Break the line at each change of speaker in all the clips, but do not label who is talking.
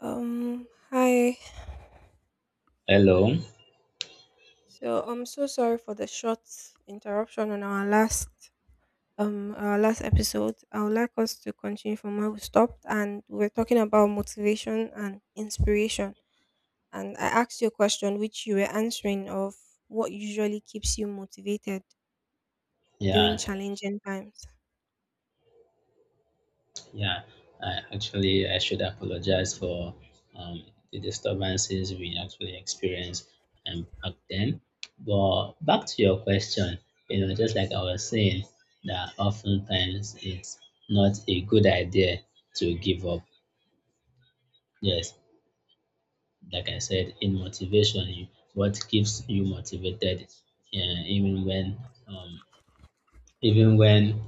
Hi.
Hello.
So I'm so sorry for the short interruption on our last episode. I would like us to continue from where we stopped, and we were talking about motivation and inspiration. And I asked you a question which you were answering, of what usually keeps you motivated
Yeah,
during challenging times.
yeah. I should apologize for um, the disturbances we actually experienced back then. But back to your question, you know, just like I was saying, that oftentimes it's not a good idea to give up. Yes, like I said, in motivation, what keeps you motivated, even when um, even when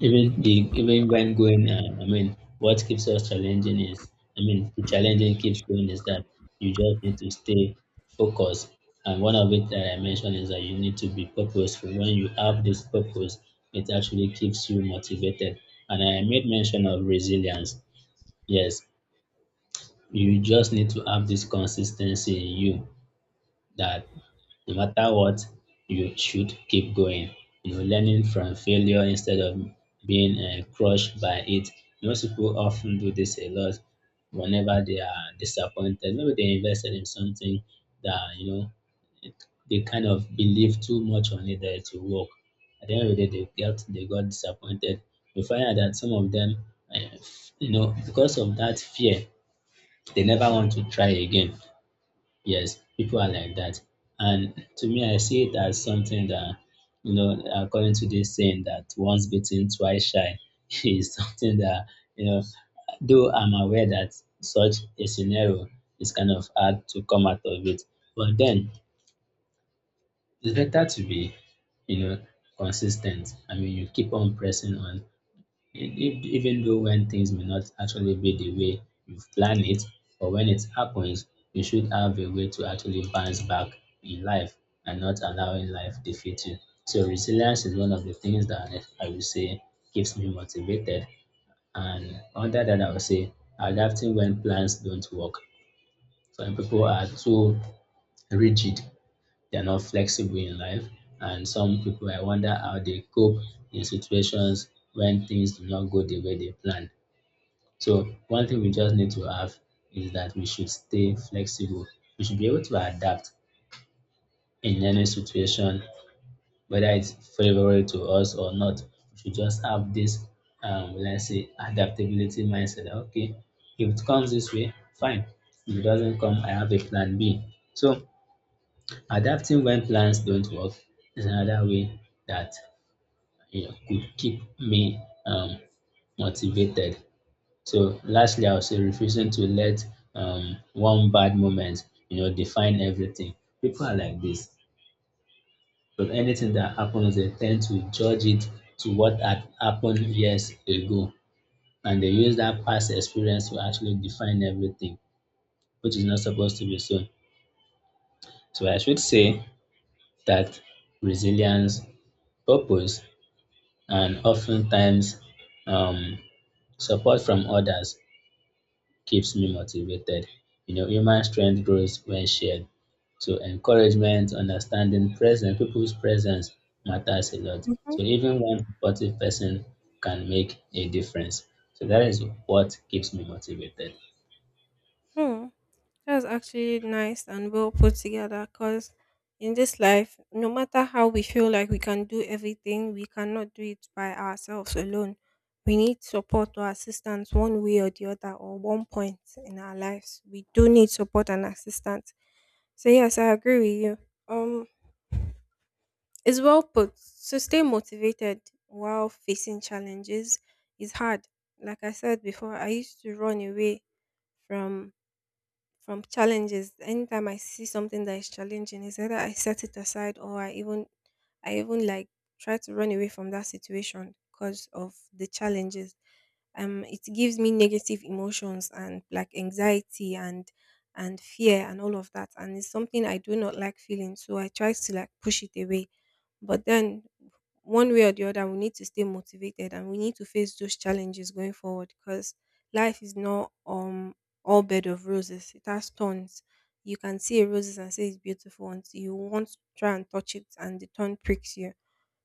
Even the even when going, what keeps us challenging is, I mean, the challenging keeps going is that you just need to stay focused. And one of it that I mentioned is that you need to be purposeful. When you have this purpose, it actually keeps you motivated. And I made mention of resilience. Yes, you just need to have this consistency in you that no matter what, you should keep going. You know, learning from failure instead of being crushed by it. Most people often do this a lot whenever they are disappointed. Maybe they invested in something that you know they kind of believe too much on it that it will work. At the end of the day, they got disappointed. You find out that some of them, you know, because of that fear, they never want to try again. Yes, people are like that. And to me, I see it as something that, you know, according to this saying that once bitten, twice shy is something that, you know, though I'm aware that such a scenario is kind of hard to come out of it. But then it's better to be, you know, consistent. I mean, you keep on pressing on even though when things may not actually be the way you've planned it or when it happens, you should have a way to actually bounce back in life and not allowing life defeat you. So resilience is one of the things that I would say keeps me motivated. And under that I would say adapting when plans don't work. Some people are too rigid, they're not flexible in life, and some people I wonder how they cope in situations when things do not go the way they plan. So one thing we just need to have is that we should stay flexible. We should be able to adapt in any situation, whether it's favorable to us or not. We should just have this, let's say, adaptability mindset. Okay, if it comes this way, fine. If it doesn't come, I have a plan B. So adapting when plans don't work is another way that you know could keep me motivated. So lastly, I would say refusing to let one bad moment, you know, define everything. People are like this. But anything that happens, they tend to judge it to what had happened years ago, and they use that past experience to actually define everything, which is not supposed to be so. So I should say that resilience, purpose, and oftentimes um, support from others keeps me motivated. You know, human strength grows when shared. So encouragement, understanding, presence, people's presence matters a lot. So even one supportive person can make a difference. So that is what keeps me motivated.
Mhm. That's actually nice and well put together, because in this life, no matter how we feel like we can do everything, we cannot do it by ourselves alone. We need support or assistance one way or the other, or one point in our lives. We do need support and assistance. So, yes, I agree with you. Um, it's well put. So, stay motivated while facing challenges is hard. Like I said before, I used to run away from from challenges. Anytime I see something that is challenging, it's either I set it aside or I even like try to run away from that situation because of the challenges. It gives me negative emotions and like anxiety and fear and all of that, and it's something I do not like feeling. So I try to like push it away, but then one way or the other, we need to stay motivated and we need to face those challenges going forward, because life is not all bed of roses. It has thorns. You can see a roses and say it's beautiful until you want to try and touch it and the thorn pricks you.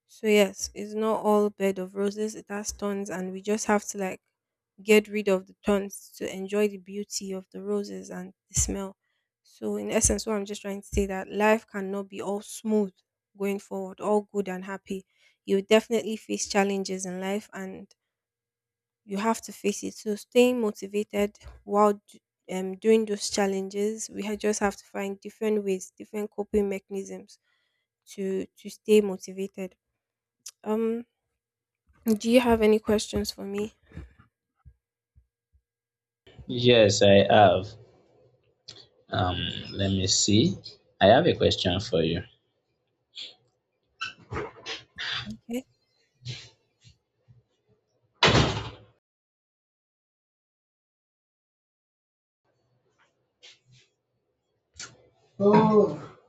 So yes, it's not all bed of roses. It has thorns, and we just have to like get rid of the thorns to enjoy the beauty of the roses and the smell. So in essence, what I'm just trying to say that life cannot be all smooth going forward, all good and happy. You definitely face challenges in life, and you have to face it. So staying motivated while doing those challenges, we just have to find different ways, different coping mechanisms to stay motivated. Um, do you have any questions for me?
Yes, I have. Um, let me see. I have a question for you.
Okay.
Oh.